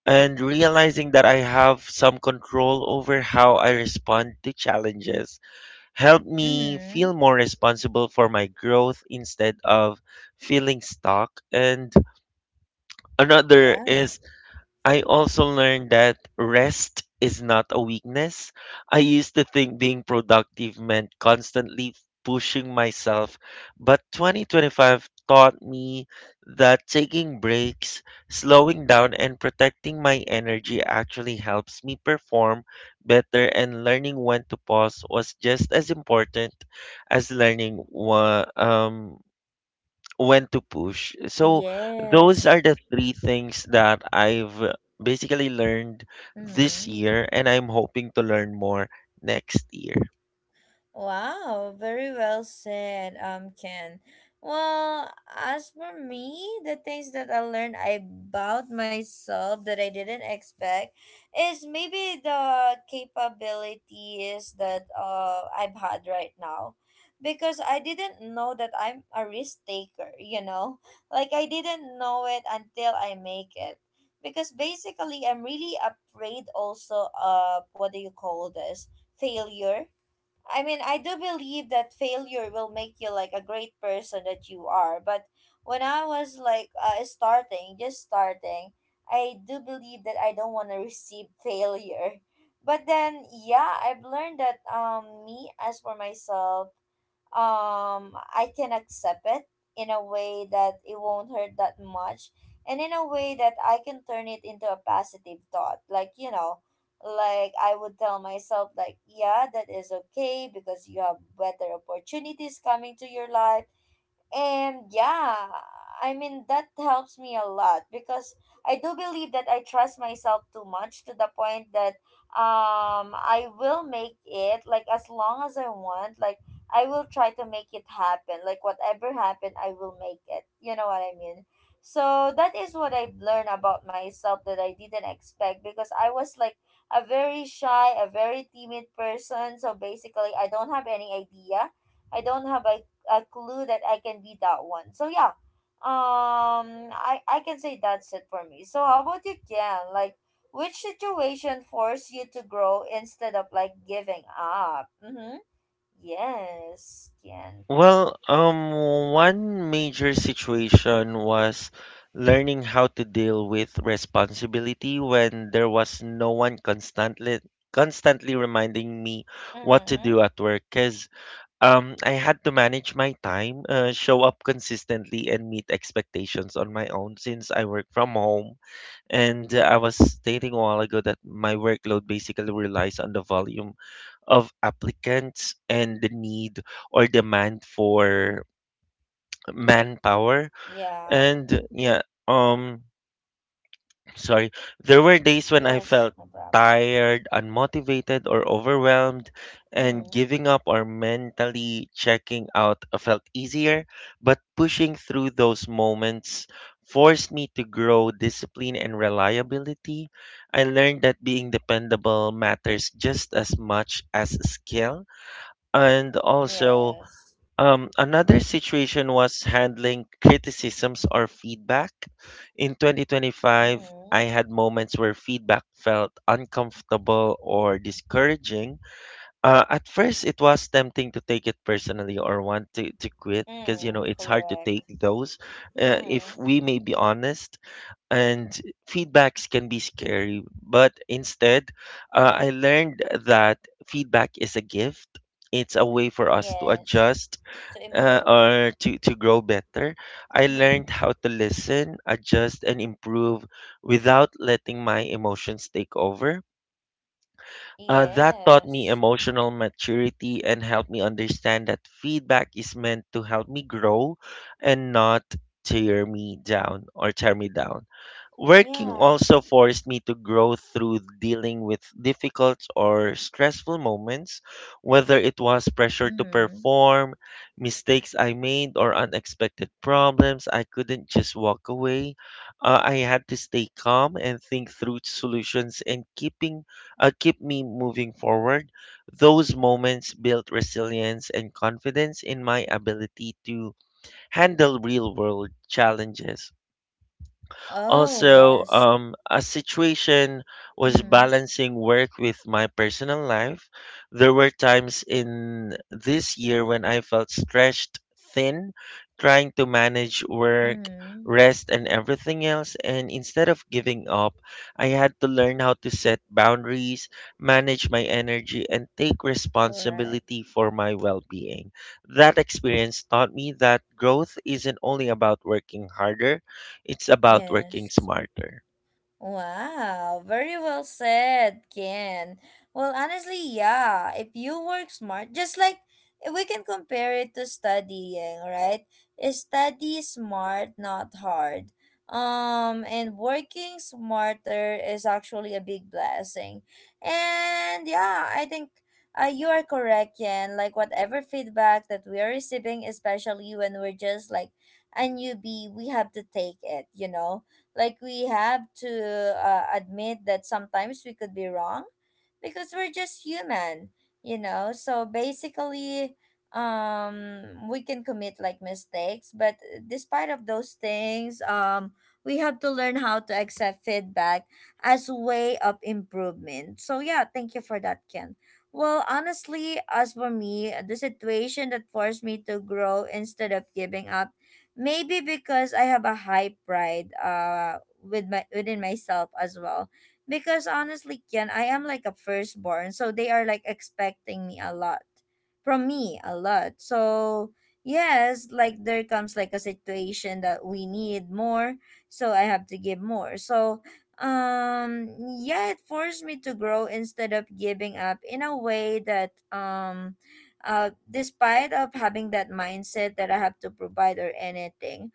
and realizing that I have some control over how I respond to challenges helped me Mm-hmm. feel more responsible for my growth instead of feeling stuck. And another Yeah. is I also learned that rest is not a weakness. I used to think being productive meant constantly pushing myself, but twenty twenty-five taught me that taking breaks, slowing down, and protecting my energy actually helps me perform better, and learning when to pause was just as important as learning what, um, when to push. So those Yes. are the three things that I've basically learned this Mm-hmm. year, and I'm hoping to learn more next year. Wow, very well said, um, Ken. Well, as for me, the things that I learned about myself that I didn't expect is maybe the capabilities that uh I've had right now. Because I didn't know that I'm a risk taker, you know? Like I didn't know it until I make it. Because basically I'm really afraid also of what do you call this? Failure. I mean, I do believe that failure will make you like a great person that you are. But when I was like uh, starting, just starting, I do believe that I don't want to receive failure. But then, yeah, I've learned that um, me as for myself, um I can accept it in a way that it won't hurt that much, and in a way that I can turn it into a positive thought, like you know, like I would tell myself like yeah that is okay because you have better opportunities coming to your life. And yeah, I mean, that helps me a lot because I do believe that I trust myself too much to the point that um I will make it like as long as I want, like I will try to make it happen. Like whatever happen, I will make it. You know what I mean? So that is what I've learned about myself that I didn't expect, because I was like a very shy, a very timid person. So basically, I don't have any idea I don't have a clue that I can be that one. So yeah, um, I I can say that's it for me. So how about you, Ken? Like, which situation forced you to grow instead of like giving up? Mm-hmm. Yes, Ken. Well, um one major situation was learning how to deal with responsibility when there was no one constantly constantly reminding me what to Mm-hmm. do at work, cuz Um, I had to manage my time, uh, show up consistently, and meet expectations on my own since I work from home. And uh, I was stating a while ago that my workload basically relies on the volume of applicants and the need or demand for manpower. Yeah. And yeah, um, sorry. There were days when I felt Yes. No problem. tired, unmotivated, or overwhelmed, and Mm-hmm. giving up or mentally checking out felt easier. But pushing through those moments forced me to grow discipline and reliability. I learned that being dependable matters just as much as skill. And also, Yes. um, another situation was handling criticisms or feedback. In twenty twenty-five, I Mm-hmm. had moments where feedback felt uncomfortable or discouraging. Uh, at first, it was tempting to take it personally or want to, to quit because, you know, Mm, it's hard to correct. take those. Uh, if Mm-hmm. we may be honest, and feedbacks can be scary, but instead, uh, I learned that feedback is a gift. It's a way for us to Yes. adjust To uh, improve. or to, to grow better. I Mm-hmm. learned how to listen, adjust, and improve without letting my emotions take over. Uh, that taught me Yes. emotional maturity and helped me understand that feedback is meant to help me grow and not tear me down or tear me down. Working Yeah. also forced me to grow through dealing with difficult or stressful moments, whether it was pressure to Mm-hmm. perform, mistakes I made, or unexpected problems. I couldn't just walk away. Uh, I had to stay calm and think through solutions and keeping uh, keep me moving forward. Those moments built resilience and confidence in my ability to handle real world challenges. Oh, Also, yes. um, a situation was Mhm, balancing work with my personal life. There were times in this year when I felt stretched thin, trying to manage work, mhm. rest, and everything else. And instead of giving up, I had to learn how to set boundaries, manage my energy, and take Correct. responsibility for my well being. That experience taught me that growth isn't only about working harder, it's about working Yes. smarter. Wow, very well said, Ken. Well, honestly, yeah, if you work smart, just like eh, we can compare it to studying, right? Eh, study smart, not hard. Um, and working smarter is actually a big blessing. And yeah, I think uh, you are correct, Ken. Like, whatever feedback that we are receiving, especially when we're just like a newbie, we have to take it, you know? Like we have to uh, admit that sometimes we could be wrong because we're just human, you know. So basically, um, we can commit like mistakes, but despite of those things, um, we have to learn how to accept feedback as a way of improvement. So yeah, thank you for that, Ken. Well, honestly, as for me, the situation that forced me to grow instead of giving up, maybe because I have a high pride uh with my within myself as well. Because honestly, Kian, I am like a firstborn, so they are like expecting me a lot. From me a lot. So yes, like there comes like a situation that we need more, so I have to give more. So um yeah, it forced me to grow instead of giving up in a way that um uh, despite of having that mindset that I have to provide or anything.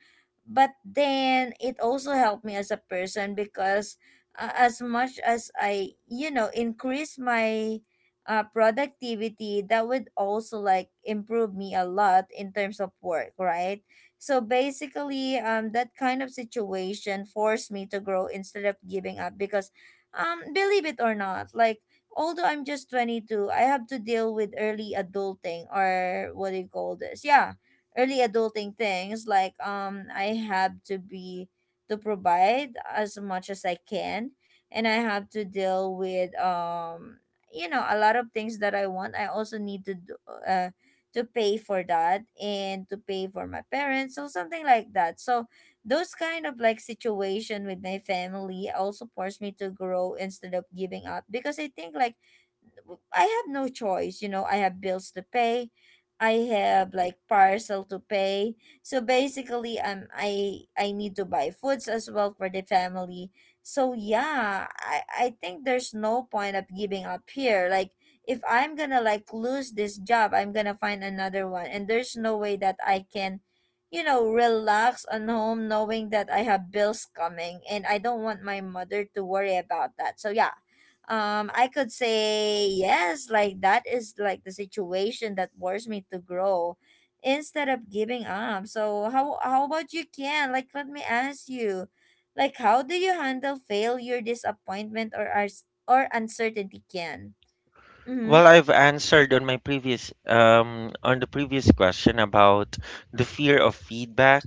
But then it also helped me as a person because uh, as much as I, you know, increase my uh, productivity, that would also like improve me a lot in terms of work, right? So basically, um, that kind of situation forced me to grow instead of giving up because, um, believe it or not, like although I'm just twenty-two, I have to deal with early adulting or what do you call this? Yeah, early adulting things like um I have to be to provide as much as I can, and I have to deal with um you know a lot of things that I want. I also need to do, uh to pay for that and to pay for my parents, so something like that. So those kind of like situation with my family also forced me to grow instead of giving up because I think like w- I have no choice, you know, I have bills to pay. I have like parcel to pay. So basically um, I I need to buy foods as well for the family. So yeah, I I think there's no point of giving up here. Like if I'm going to like lose this job, I'm going to find another one, and there's no way that I can, you know, relax on home knowing that I have bills coming and I don't want my mother to worry about that. So yeah. Um I could say yes, like that is like the situation that forced me to grow instead of giving up. So how how about you, can? Like let me ask you. Like how do you handle failure, disappointment or ars- or uncertainty, can? Well, Mhm. I've answered on my previous um, on the previous question about the fear of feedback.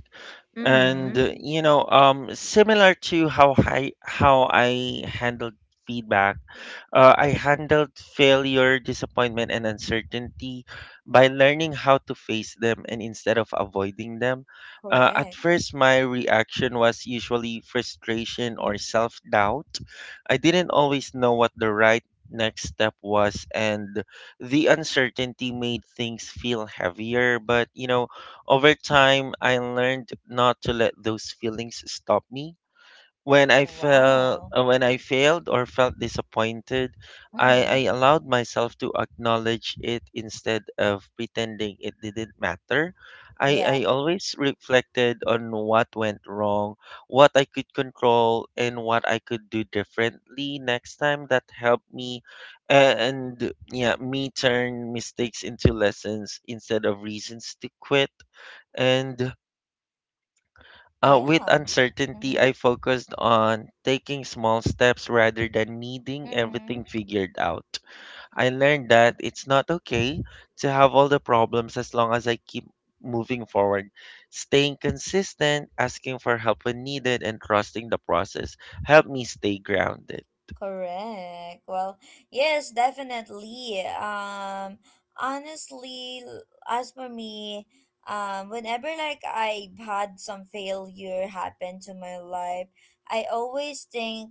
And Mhm. uh, you know, um, similar to how I how I handled feedback, uh, I handled failure, disappointment, and uncertainty by learning how to face them and instead of avoiding them. Uh, at Correct. first, my reaction was usually frustration or self doubt. I didn't always know what the right next step was, and the uncertainty made things feel heavier. But, you know, over time, I learned not to let those feelings stop me. When I felt Wow. uh, when I failed or felt disappointed, I, I Mhm. allowed myself to acknowledge it instead of pretending it didn't matter. I, Yeah. I always reflected on what went wrong, what I could control, and what I could do differently next time. That helped me and yeah, me turn mistakes into lessons instead of reasons to quit. And uh, with Yeah. uncertainty, I Mm-hmm. focused on taking small steps rather than needing Mm-hmm. everything figured out. I learned that it's not okay to have all the problems as long as I keep moving forward, staying consistent, asking for help when needed, and trusting the process. Help me stay grounded. Correct. Well, yes, definitely. Um, honestly, l- as for me, um, whenever like I've had some failure happen to my life, I always think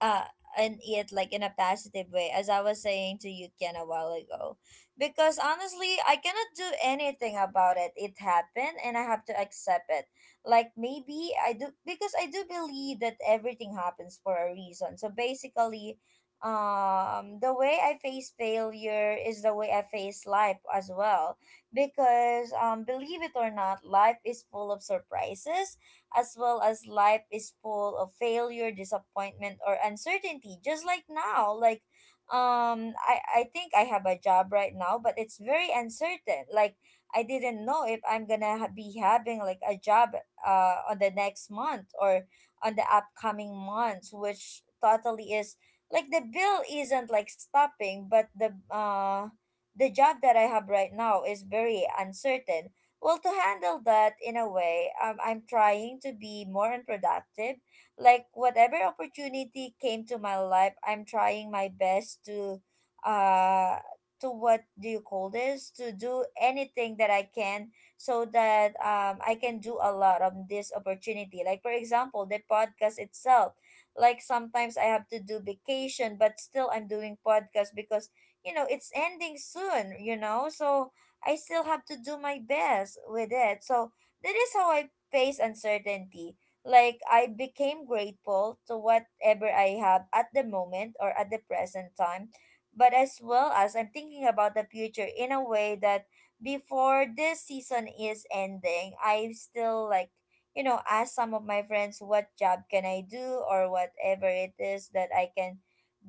uh and it like in a positive way, as I was saying to you, Ken, a while ago. Because honestly I cannot do anything about it. It happened and I have to accept it, like maybe I do, because I do believe that everything happens for a reason. So basically, um the way I face failure is the way I face life as well, because um believe it or not, life is full of surprises, as well as life is full of failure, disappointment, or uncertainty. Just like now, like, um, I I think I have a job right now, but it's very uncertain. Like I didn't know if I'm gonna ha- be having like a job uh on the next month or on the upcoming months, which totally is like the bill isn't like stopping, but the uh the job that I have right now is very uncertain. Well, to handle that in a way, um, I'm trying to be more unproductive. Like whatever opportunity came to my life, I'm trying my best to, uh, to what do you call this? To do anything that I can so that um I can do a lot of this opportunity. Like for example, the podcast itself. Like sometimes I have to do vacation, but still I'm doing podcast because you know it's ending soon. You know, so I still have to do my best with it. So that is how I face uncertainty. Like I became grateful to whatever I have at the moment or at the present time, but as well as I'm thinking about the future in a way that before this season is ending, I still like you know ask some of my friends what job can I do or whatever it is that I can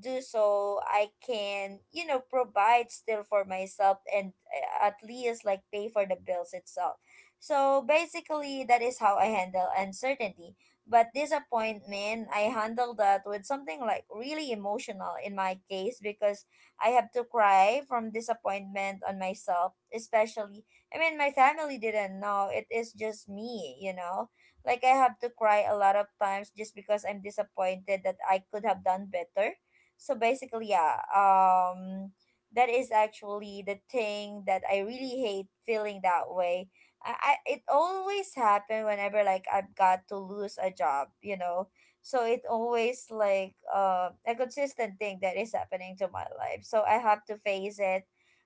do, so I can, you know provide still for myself and uh, at least like pay for the bills itself. So basically that is how I handle uncertainty. But disappointment, I handle that with something like really emotional in my case, because I have to cry from disappointment on myself, especially I mean my family didn't know it is just me, you know, like I have to cry a lot of times just because I'm disappointed that I could have done better. So basically, yeah, um, that is actually the thing that I really hate feeling that way. I, I it always happen whenever like I've got to lose a job, you know. So it always like uh, a consistent thing that is happening to my life. So I have to face it.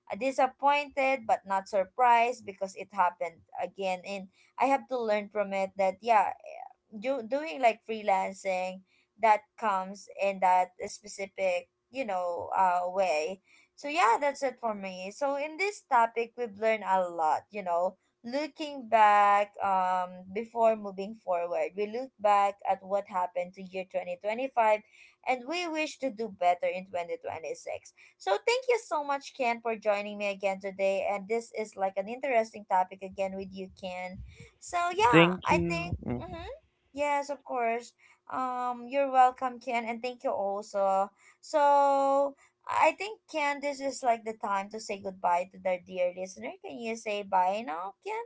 Uh, Disappointed but not surprised because it happened again, and I have to learn from it. That yeah, eh, do, doing like freelancing that comes in that specific you know uh way. So yeah, that's it for me. So in this topic we've learned a lot, you know, looking back, um before moving forward, we look back at what happened to year twenty twenty-five and we wish to do better in twenty twenty-six. So thank you so much, Ken, for joining me again today, and this is like an interesting topic again with you, Ken. So yeah, Thank I think. you. Mm. Mm-hmm. Yes, of course. um, you're welcome, Ken, and thank you also. So I think, Ken, this is like the time to say goodbye to the dear listener. Can you say bye now, Ken?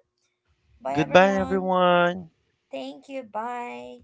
Bye Goodbye, everyone. everyone. Thank you. Bye.